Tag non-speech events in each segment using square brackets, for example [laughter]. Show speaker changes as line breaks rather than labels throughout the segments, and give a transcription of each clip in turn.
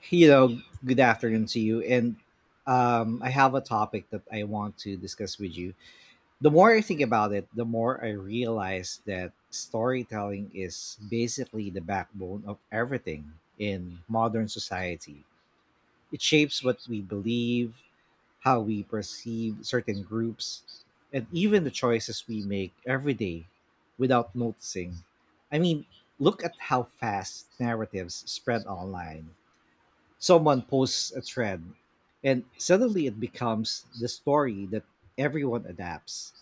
Hello, good afternoon to you. And I have a topic that I want to discuss with you. The more I think about it, the more I realize that storytelling is basically the backbone of everything in modern society. It shapes what we believe, how we perceive certain groups, and even the choices we make every day without noticing. I mean, look at how fast narratives spread online. Someone posts a trend, and suddenly it becomes the story that everyone adapts.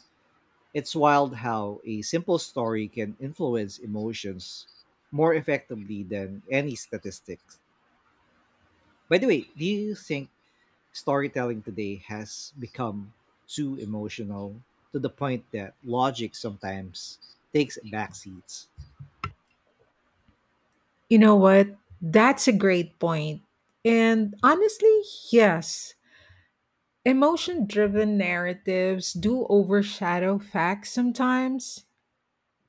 It's wild how a simple story can influence emotions more effectively than any statistics. By the way, do you think storytelling today has become too emotional to the point that logic sometimes takes backseats?
You know what? That's a great point. And honestly, yes, emotion driven narratives do overshadow facts sometimes.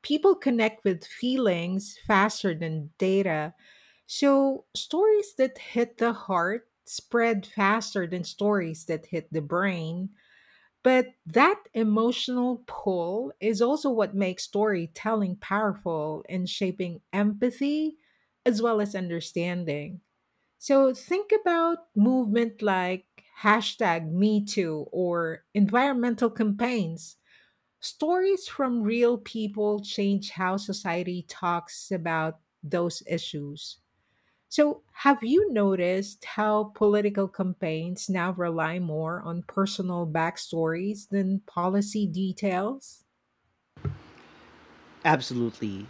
People connect with feelings faster than data. So, stories that hit the heart spread faster than stories that hit the brain. But that emotional pull is also what makes storytelling powerful in shaping empathy as well as understanding. So think about movement like hashtag me too or environmental campaigns. Stories from real people change how society talks about those issues. So have you noticed how political campaigns now rely more on personal backstories than policy details?
Absolutely.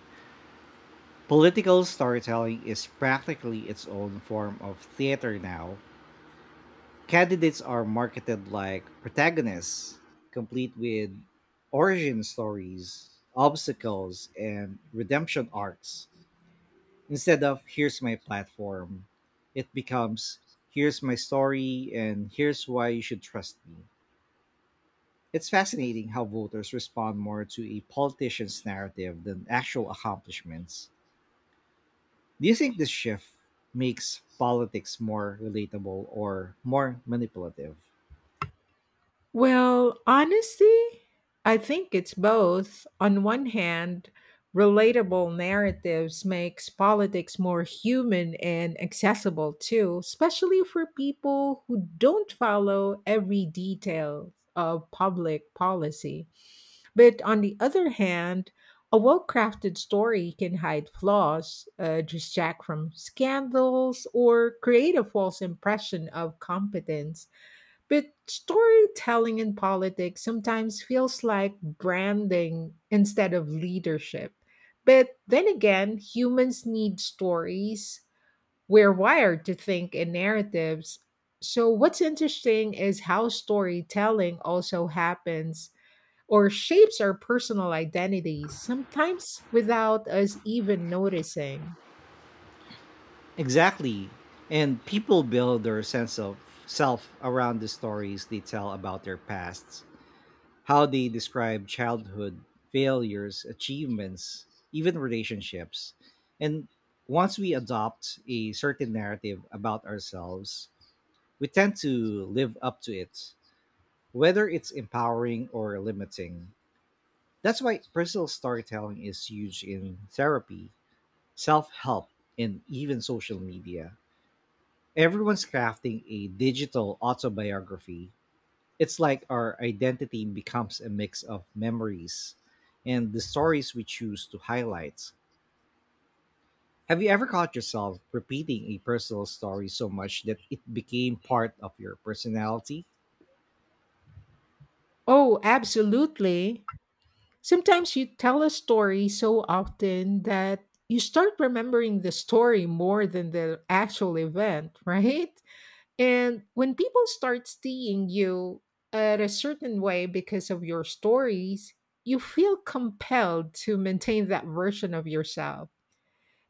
Political storytelling is practically its own form of theater now. Candidates are marketed like protagonists, complete with origin stories, obstacles, and redemption arcs. Instead of here's my platform, it becomes here's my story and here's why you should trust me. It's fascinating how voters respond more to a politician's narrative than actual accomplishments. Do you think this shift makes politics more relatable or more manipulative?
Well, honestly, I think it's both. On one hand, relatable narratives makes politics more human and accessible too, especially for people who don't follow every detail of public policy. But on the other hand, a well-crafted story can hide flaws, distract from scandals, or create a false impression of competence, but storytelling in politics sometimes feels like branding instead of leadership. But then again, humans need stories. We're wired to think in narratives. So, what's interesting is how storytelling also happens or shapes our personal identities, sometimes without us even noticing.
Exactly. And people build their sense of self around the stories they tell about their pasts, how they describe childhood, failures, achievements, even relationships. And once we adopt a certain narrative about ourselves, we tend to live up to it, whether it's empowering or limiting. That's why personal storytelling is huge in therapy, self help, and even social media. Everyone's crafting a digital autobiography. It's like our identity becomes a mix of memories and the stories we choose to highlight. Have you ever caught yourself repeating a personal story so much that it became part of your personality?
Oh, absolutely. Sometimes you tell a story so often that you start remembering the story more than the actual event, [laughs] right? And when people start seeing you at a certain way because of your stories, you feel compelled to maintain that version of yourself.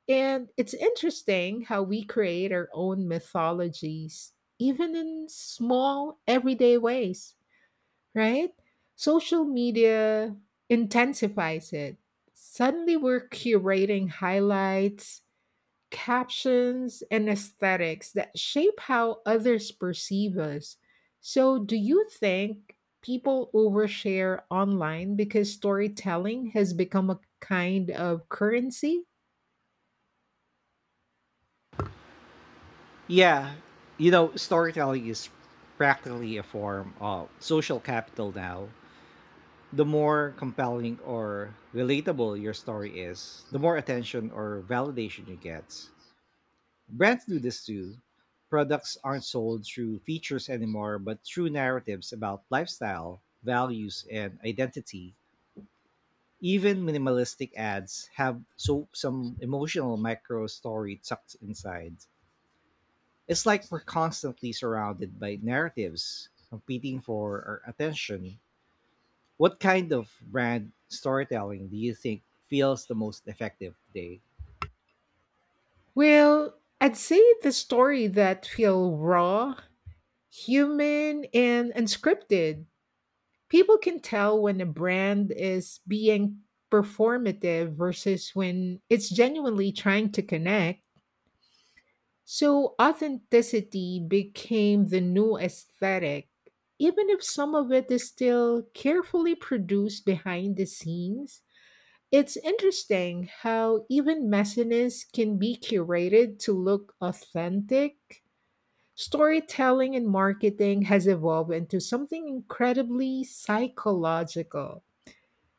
And it's interesting how we create our own mythologies, even in small, everyday ways, right? Social media intensifies it. Suddenly, we're curating highlights, captions, and aesthetics that shape how others perceive us. So, do you think people overshare online because storytelling has become a kind of currency?
Yeah, you know, storytelling is practically a form of social capital now. The more compelling or relatable your story is, the more attention or validation you get. Brands do this too. Products aren't sold through features anymore, but through narratives about lifestyle, values, and identity. Even minimalistic ads have so some emotional micro story tucked inside. It's like we're constantly surrounded by narratives competing for our attention. What kind of brand storytelling do you think feels the most effective today?
Well, I'd say the story that feel raw, human, and unscripted. People can tell when a brand is being performative versus when it's genuinely trying to connect. So authenticity became the new aesthetic, even if some of it is still carefully produced behind the scenes. It's interesting how even messiness can be curated to look authentic. Storytelling and marketing has evolved into something incredibly psychological.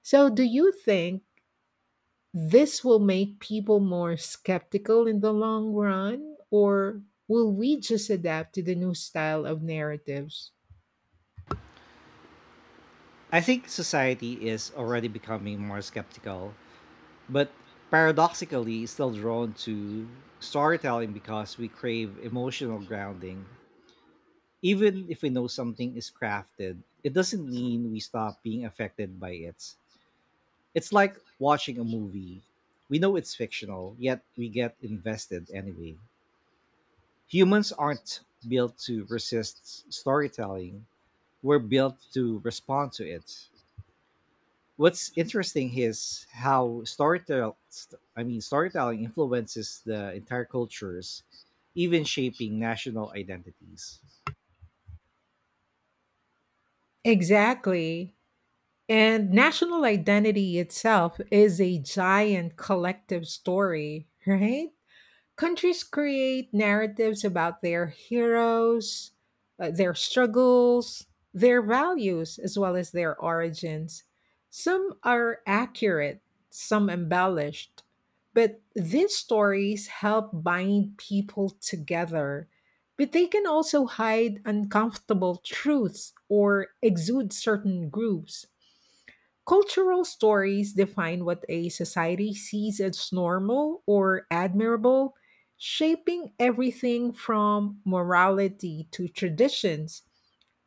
So, do you think this will make people more skeptical in the long run, or will we just adapt to the new style of narratives?
I think society is already becoming more skeptical, but paradoxically still drawn to storytelling because we crave emotional grounding. Even if we know something is crafted, it doesn't mean we stop being affected by it. It's like watching a movie. We know it's fictional, yet we get invested anyway. Humans aren't built to resist s- storytelling, we're built to respond to it. What's interesting is how storytelling I mean storytelling influences the entire cultures, even shaping national identities.
Exactly. And national identity itself is a giant collective story, right? Countries create narratives about their heroes, their struggles, their values, as well as their origins. Some are accurate, some embellished, but these stories help bind people together. But they can also hide uncomfortable truths or exude certain groups. Cultural stories define what a society sees as normal or admirable, shaping everything from morality to traditions.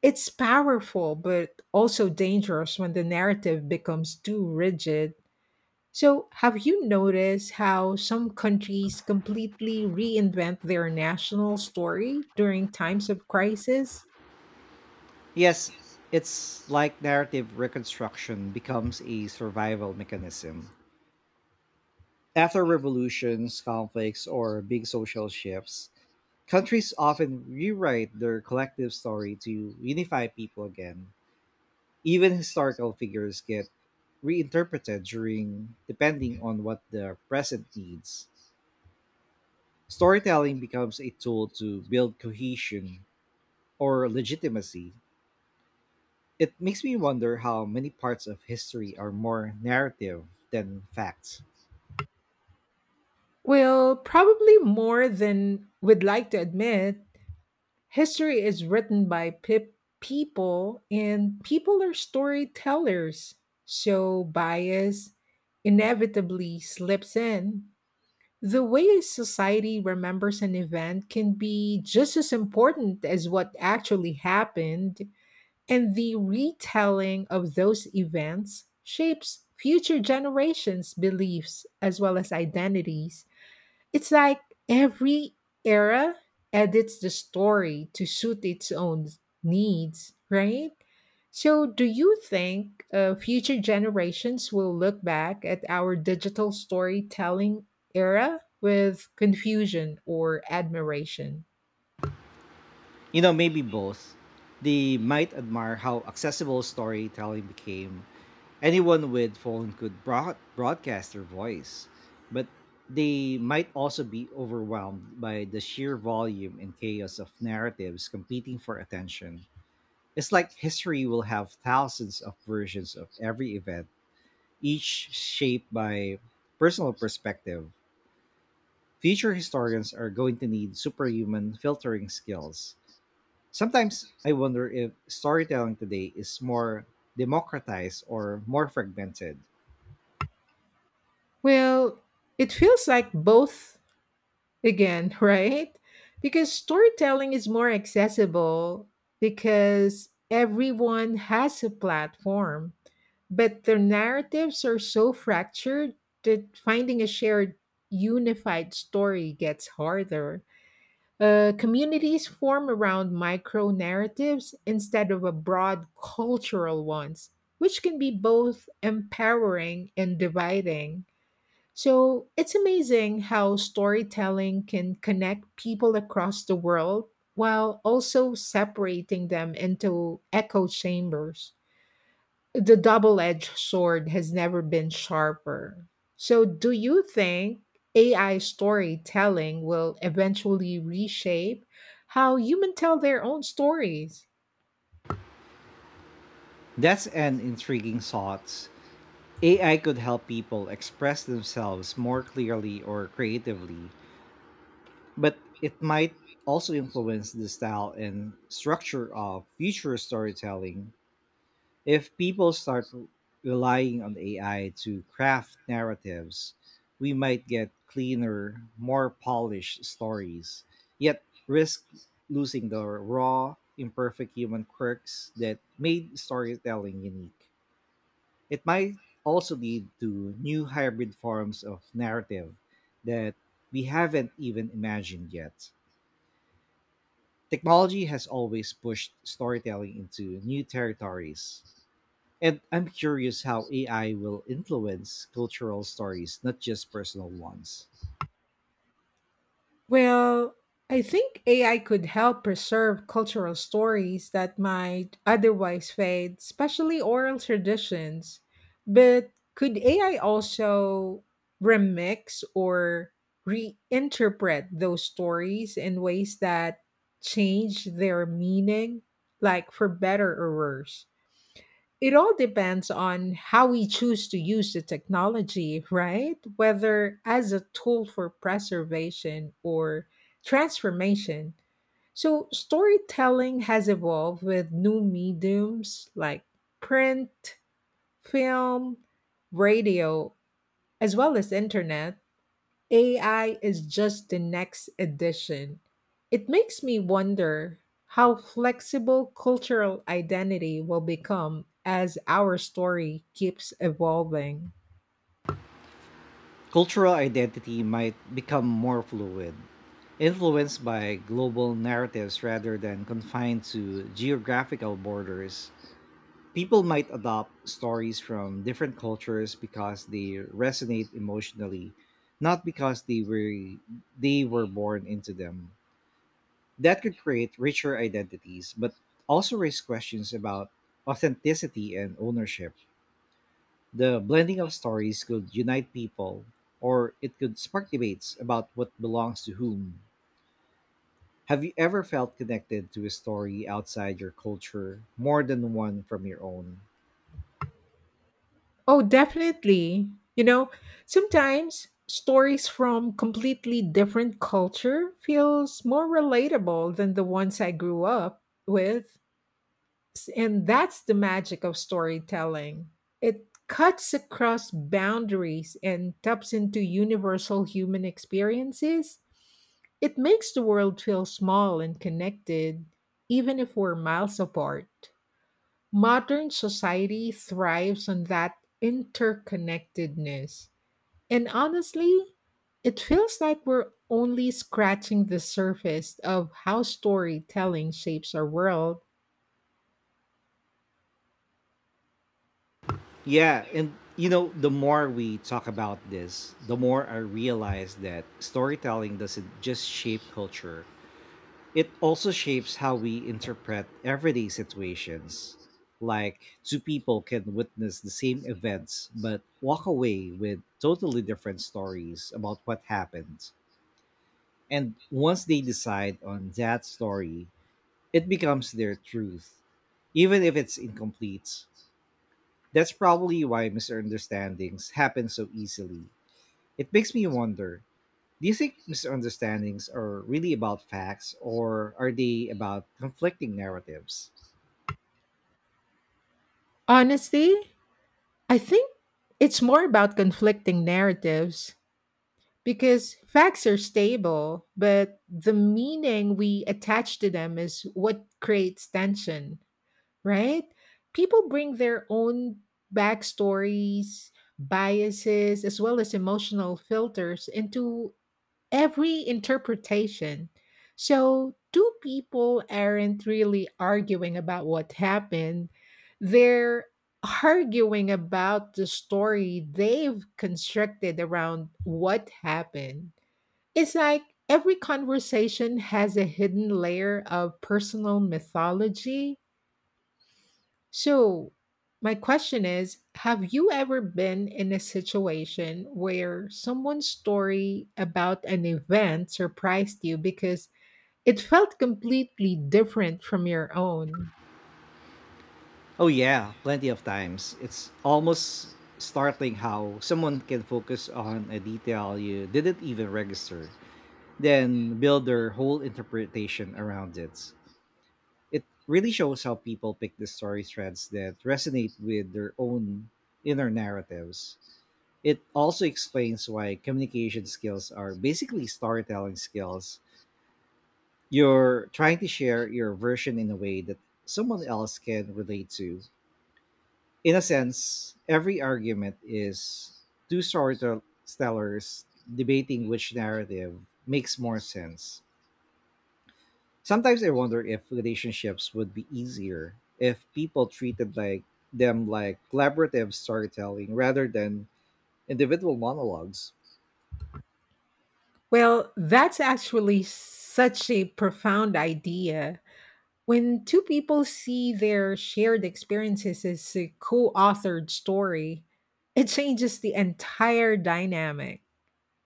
It's powerful, but also dangerous when the narrative becomes too rigid. So, have you noticed how some countries completely reinvent their national story during times of crisis?
Yes, it's like narrative reconstruction becomes a survival mechanism. After revolutions, conflicts, or big social shifts, countries often rewrite their collective story to unify people again. Even historical figures get reinterpreted during depending on what the present needs. Storytelling becomes a tool to build cohesion or legitimacy. It makes me wonder how many parts of history are more narrative than facts.
Well, probably more than we'd like to admit. History is written by people, and people are storytellers. So bias inevitably slips in. The way a society remembers an event can be just as important as what actually happened, and the retelling of those events shapes future generations' beliefs as well as identities. It's like every era edits the story to suit its own needs, right? So, do you think future generations will look back at our digital storytelling era with confusion or admiration?
You know, maybe both. They might admire how accessible storytelling became. Anyone with phone could broad- broadcast their voice, but they might also be overwhelmed by the sheer volume and chaos of narratives competing for attention. It's like history will have thousands of versions of every event, each shaped by personal perspective. Future historians are going to need superhuman filtering skills. Sometimes I wonder if storytelling today is more democratized or more fragmented.
Well, it feels like both again, [laughs] right? Because storytelling is more accessible because everyone has a platform. But their narratives are so fractured that finding a shared, unified story gets harder. Communities form around micro narratives instead of a broad cultural ones, which can be both empowering and dividing. So it's amazing how storytelling can connect people across the world while also separating them into echo chambers. The double edged sword has never been sharper. So, do you think AI storytelling will eventually reshape how humans tell their own stories?
That's an intriguing thought. AI could help people express themselves more clearly or creatively, but it might also influence the style and structure of future storytelling. If people start r- relying on AI to craft narratives, we might get cleaner, more polished stories, yet risk losing the raw, imperfect human quirks that made storytelling unique. It might also lead to new hybrid forms of narrative that we haven't even imagined yet. Technology has always pushed storytelling into new territories, and I'm curious how AI will influence cultural stories, not just personal ones.
Well, I think AI could help preserve cultural stories that might otherwise fade, especially oral traditions. But could AI also remix or reinterpret those stories in ways that change their meaning, like for better or worse? It all depends on how we choose to use the technology, right? Whether as a tool for preservation or transformation. So, storytelling has evolved with new mediums like print, film, radio, as well as internet. AI is just the next addition. It makes me wonder how flexible cultural identity will become as our story keeps evolving.
Cultural identity might become more fluid, influenced by global narratives rather than confined to geographical borders. People might adopt stories from different cultures because they resonate emotionally, not because they were born into them. That could create richer identities, but also raise questions about authenticity and ownership. The blending of stories could unite people, or it could spark debates about what belongs to whom. Have you ever felt connected to a story outside your culture more than one from your own?
Oh, definitely. You know, sometimes stories from completely different culture feels more relatable than the ones I grew up with. And that's the magic of storytelling. It cuts across boundaries and taps into universal human experiences. It makes the world feel small and connected, even if we're miles apart. Modern society thrives on that interconnectedness. And honestly, it feels like we're only scratching the surface of how storytelling shapes our world.
Yeah, and you know, the more we talk about this, the more I realize that storytelling doesn't just shape culture, it also shapes how we interpret everyday situations. Like, two people can witness the same events but walk away with totally different stories about what happened. And once they decide on that story, it becomes their truth, even if it's incomplete. That's probably why misunderstandings happen so easily. It makes me wonder, do you think misunderstandings are really about facts or are they about conflicting narratives?
Honestly, I think it's more about conflicting narratives because facts are stable, but the meaning we attach to them is what creates tension, right? People bring their own backstories, biases, as well as emotional filters into every interpretation. So, two people aren't really arguing about what happened, they're arguing about the story they've constructed around what happened. It's like every conversation has a hidden layer of personal mythology, so, my question is, have you ever been in a situation where someone's story about an event surprised you because it felt completely different from your own?
Oh, yeah, plenty of times. It's almost startling how someone can focus on a detail you didn't even register, then build their whole interpretation around it. It really shows how people pick the story threads that resonate with their own inner narratives. It also explains why communication skills are basically storytelling skills. You're trying to share your version in a way that someone else can relate to. In a sense, every argument is two storytellers debating which narrative makes more sense. Sometimes I wonder if relationships would be easier if people treated like them like collaborative storytelling rather than individual monologues.
Well, that's actually such a profound idea. When two people see their shared experiences as a co authored story, it changes the entire dynamic.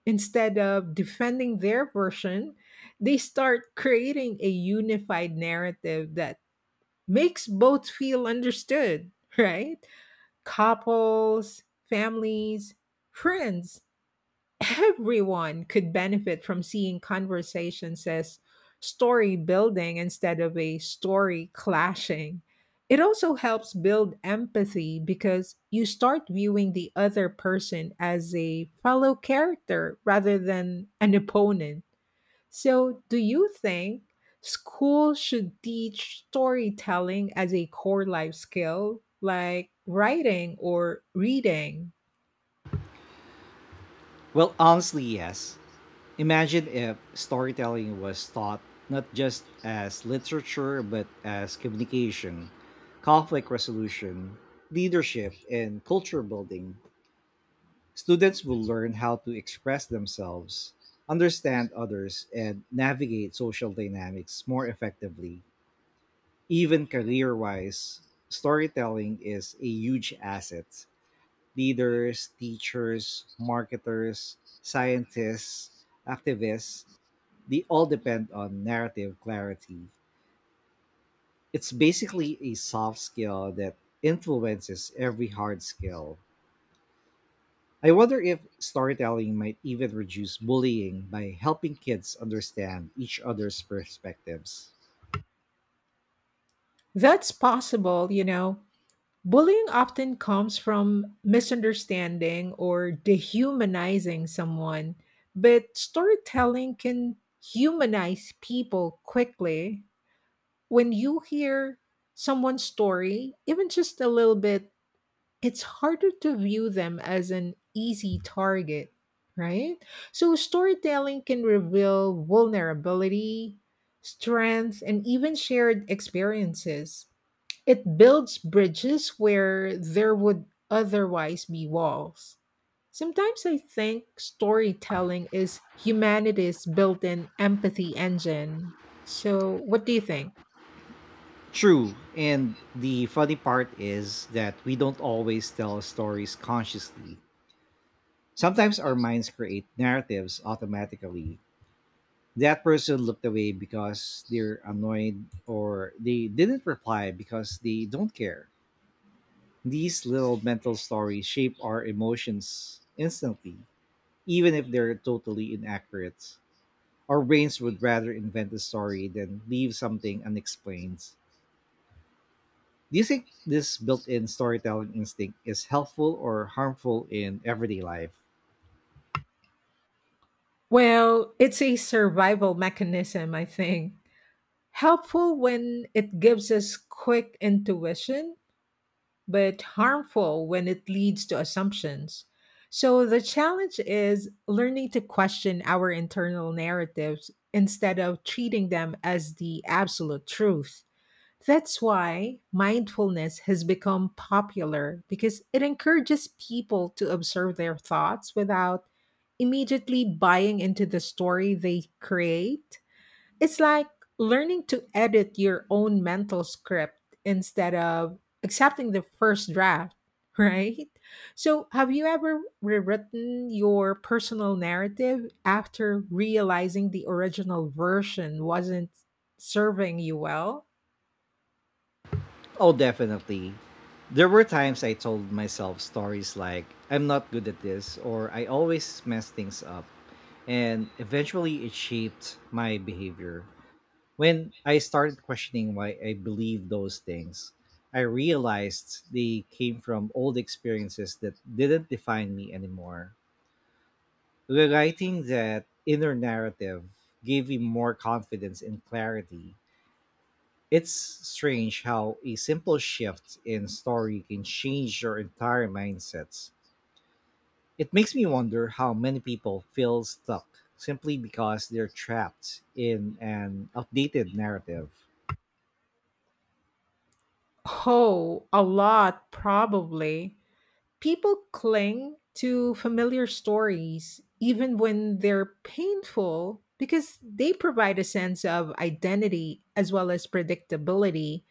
Instead of defending their version, they start creating a unified narrative that makes both feel understood, right? Couples, families, friends, everyone could benefit from seeing conversations as story building instead of a story clashing. It also helps build empathy because you start viewing the other person as a fellow character rather than an opponent. So, do you think school should teach storytelling as a core life skill like writing or reading?
Well, honestly, yes. Imagine if storytelling was taught not just as literature but as communication, conflict resolution, leadership, and culture building. Students will learn how to express themselves, understand others, and navigate social dynamics more effectively. Even career wise, storytelling is a huge asset. Leaders, teachers, marketers, scientists, activists, they all depend on narrative clarity. It's basically a soft skill that influences every hard skill. I wonder if storytelling might even reduce bullying by helping kids understand each other's perspectives.
That's possible, you know. Bullying often comes from misunderstanding or dehumanizing someone, but storytelling can humanize people quickly. When you hear someone's story, even just a little bit, it's harder to view them as an easy target, right? So, storytelling can reveal vulnerability, strength, and even shared experiences. It builds bridges where there would otherwise be walls. Sometimes I think storytelling is humanity's built in empathy engine. So, what do you think?
True, and the funny part is that we don't always tell stories consciously. Sometimes our minds create narratives automatically. That person looked away because they're annoyed or they didn't reply because they don't care. These little mental stories shape our emotions instantly, even if they're totally inaccurate. Our brains would rather invent a story than leave something unexplained. Do you think this built in storytelling instinct is helpful or harmful in everyday life?
Well, it's a survival mechanism, I think. Helpful when it gives us quick intuition but harmful when it leads to assumptions. So the challenge is learning to question our internal narratives instead of treating them as the absolute truth. That's why mindfulness has become popular because it encourages people to observe their thoughts without immediately buying into the story they create. It's like learning to edit your own mental script instead of accepting the first draft, [laughs] right? So, have you ever rewritten your personal narrative after realizing the original version wasn't serving you well?
Oh, definitely. There were times I told myself stories like, I'm not good at this, or I always mess things up. And eventually it shaped my behavior. When I started questioning why I believed those things, I realized they came from old experiences that didn't define me anymore. Rewriting that inner narrative gave me more confidence and clarity. It's strange how a simple shift in story can change your entire mindsets. It makes me wonder how many people feel stuck simply because they're trapped in an outdated narrative.
Oh, a lot, probably. People cling to familiar stories, even when they're painful, because they provide a sense of identity as well as predictability.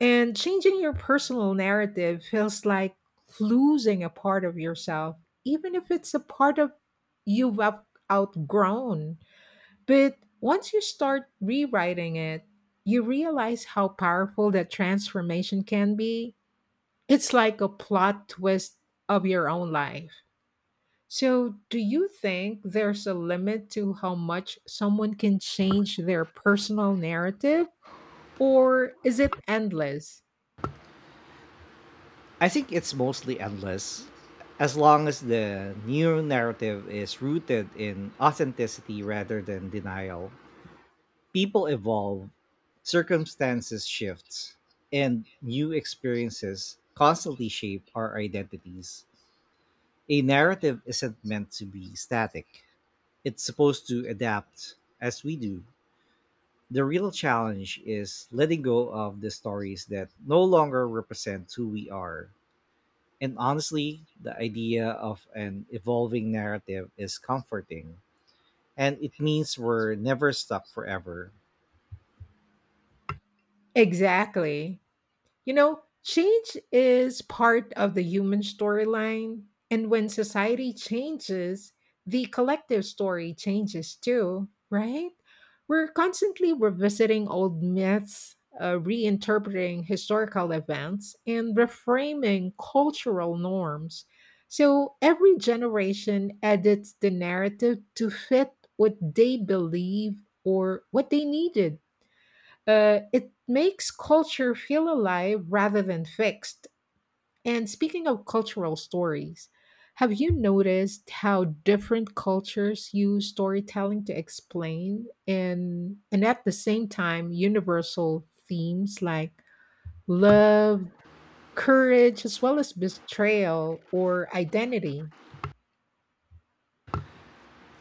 And changing your personal narrative feels like losing a part of yourself, even if it's a part of you've out- outgrown. But once you start rewriting it, you realize how powerful that transformation can be. It's like a plot twist of your own life. So, do you think there's a limit to how much someone can change their personal narrative, or is it endless?
I think it's mostly endless as long as the new narrative is rooted in authenticity rather than denial. People evolve, circumstances shift, and new experiences constantly shape our identities. A narrative isn't meant to be static. It's supposed to adapt as we do. The real challenge is letting go of the stories that no longer represent who we are. And honestly, the idea of an evolving narrative is comforting. And it means we're never stuck forever.
Exactly. You know, change is part of the human storyline. And when society changes, the collective story changes too, right? We're constantly revisiting old myths, reinterpreting historical events, and reframing cultural norms. So every generation edits the narrative to fit what they believe or what they needed. It makes culture feel alive rather than fixed. And speaking of cultural stories, have you noticed how different cultures use storytelling to explain and at the same time universal themes like love, courage, as well as betrayal or identity?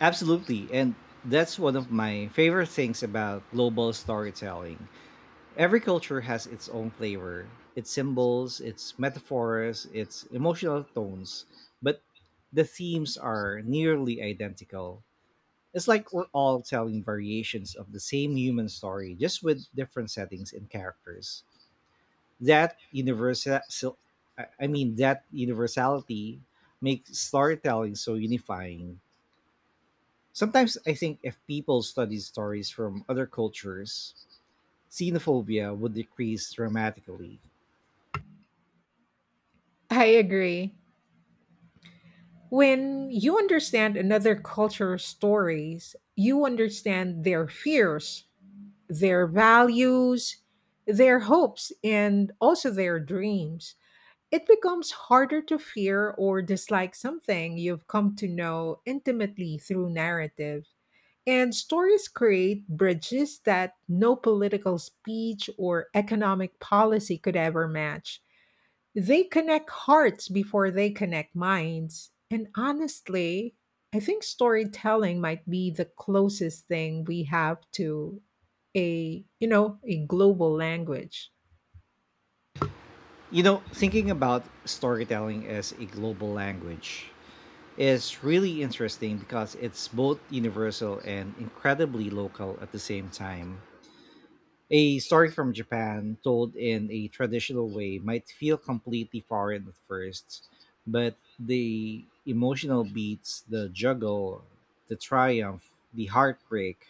Absolutely. And that's one of my favorite things about global storytelling. Every culture has its own flavor, its symbols, its metaphors, its emotional tones, but the themes are nearly identical. It's like we're all telling variations of the same human story, just with different settings and characters. That universal, so, that universality makes storytelling so unifying. Sometimes I think if people studied stories from other cultures, xenophobia would decrease dramatically.
I agree. When you understand another culture's stories, you understand their fears, their values, their hopes, and also their dreams. It becomes harder to fear or dislike something you've come to know intimately through narrative. And stories create bridges that no political speech or economic policy could ever match. They connect hearts before they connect minds. And honestly, I think storytelling might be the closest thing we have to a, you know, a global language.
You know, thinking about storytelling as a global language is really interesting because it's both universal and incredibly local at the same time. A story from Japan told in a traditional way might feel completely foreign at first, but the emotional beats, the juggle, the triumph, the heartbreak,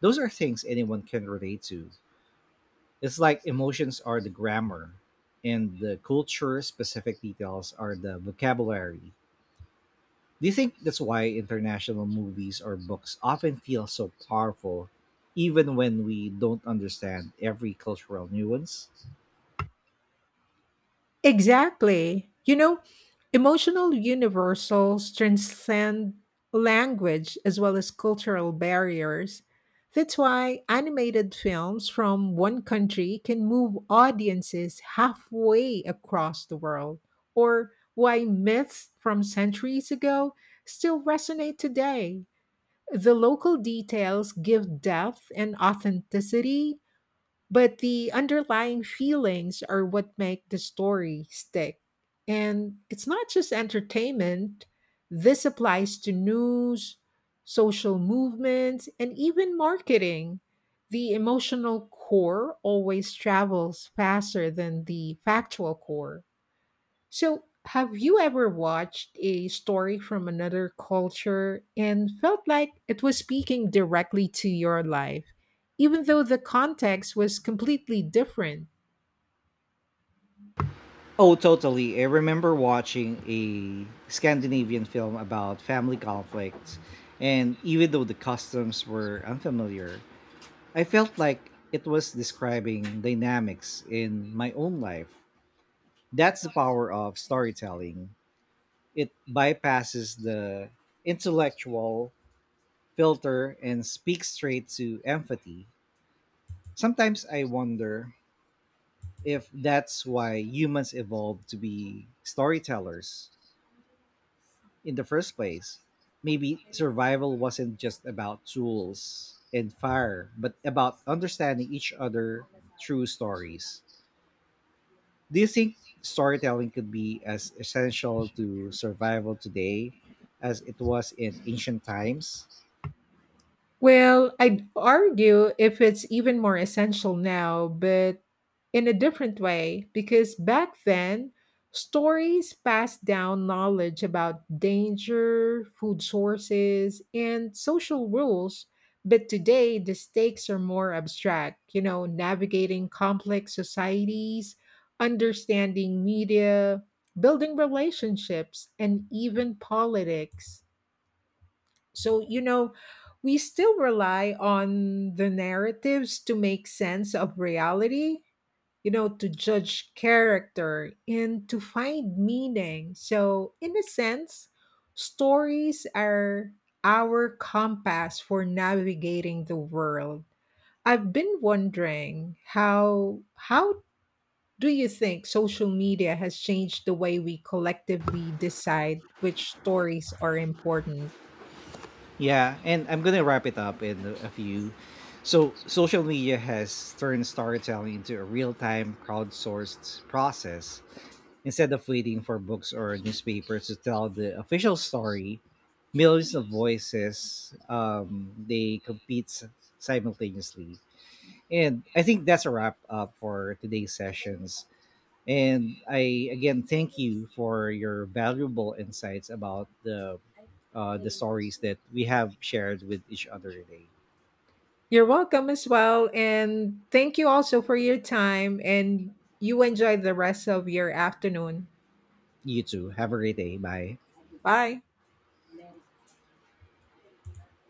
those are things anyone can relate to. It's like emotions are the grammar and the culture specific details are the vocabulary. Do you think that's why international movies or books often feel so powerful even when we don't understand every cultural nuance?
Exactly. You know, emotional universals transcend language as well as cultural barriers. That's why animated films from one country can move audiences halfway across the world, or why myths from centuries ago still resonate today. The local details give depth and authenticity but the underlying feelings are what make the story stick. And it's not just entertainment, this applies to news, social movements, and even marketing. The emotional core always travels faster than the factual core. So, have you ever watched a story from another culture and felt like it was speaking directly to your life, even though the context was completely different?
Oh, totally. I remember watching a Scandinavian film about family conflicts, and even though the customs were unfamiliar, I felt like it was describing dynamics in my own life. That's the power of storytelling. It bypasses the intellectual filter and speaks straight to empathy. Sometimes I wonder if that's why humans evolved to be storytellers in the first place. Maybe survival wasn't just about tools and fire, but about understanding each other through stories. Do you think storytelling could be as essential to survival today as it was in ancient times?
Well, I'd argue if it's even more essential now, but in a different way, because back then, stories passed down knowledge about danger, food sources, and social rules. But today, the stakes are more abstract, you know, navigating complex societies, understanding media, building relationships, and even politics. So, you know, we still rely on the narratives to make sense of reality, you know, to judge character and to find meaning. So, in a sense, stories are our compass for navigating the world. I've been wondering, how do you think social media has changed the way we collectively decide which stories are important?
Yeah, and I'm gonna wrap it up in a few. So, social media has turned storytelling into a real time crowdsourced process. Instead of waiting for books or newspapers to tell the official story, millions of voices they compete simultaneously. And I think that's a wrap up for today's sessions. And I again thank you for your valuable insights about the stories that we have shared with each other today.
You're welcome as well. And thank you also for your time. And you enjoy the rest of your afternoon.
You too. Have a great day. Bye.
Bye.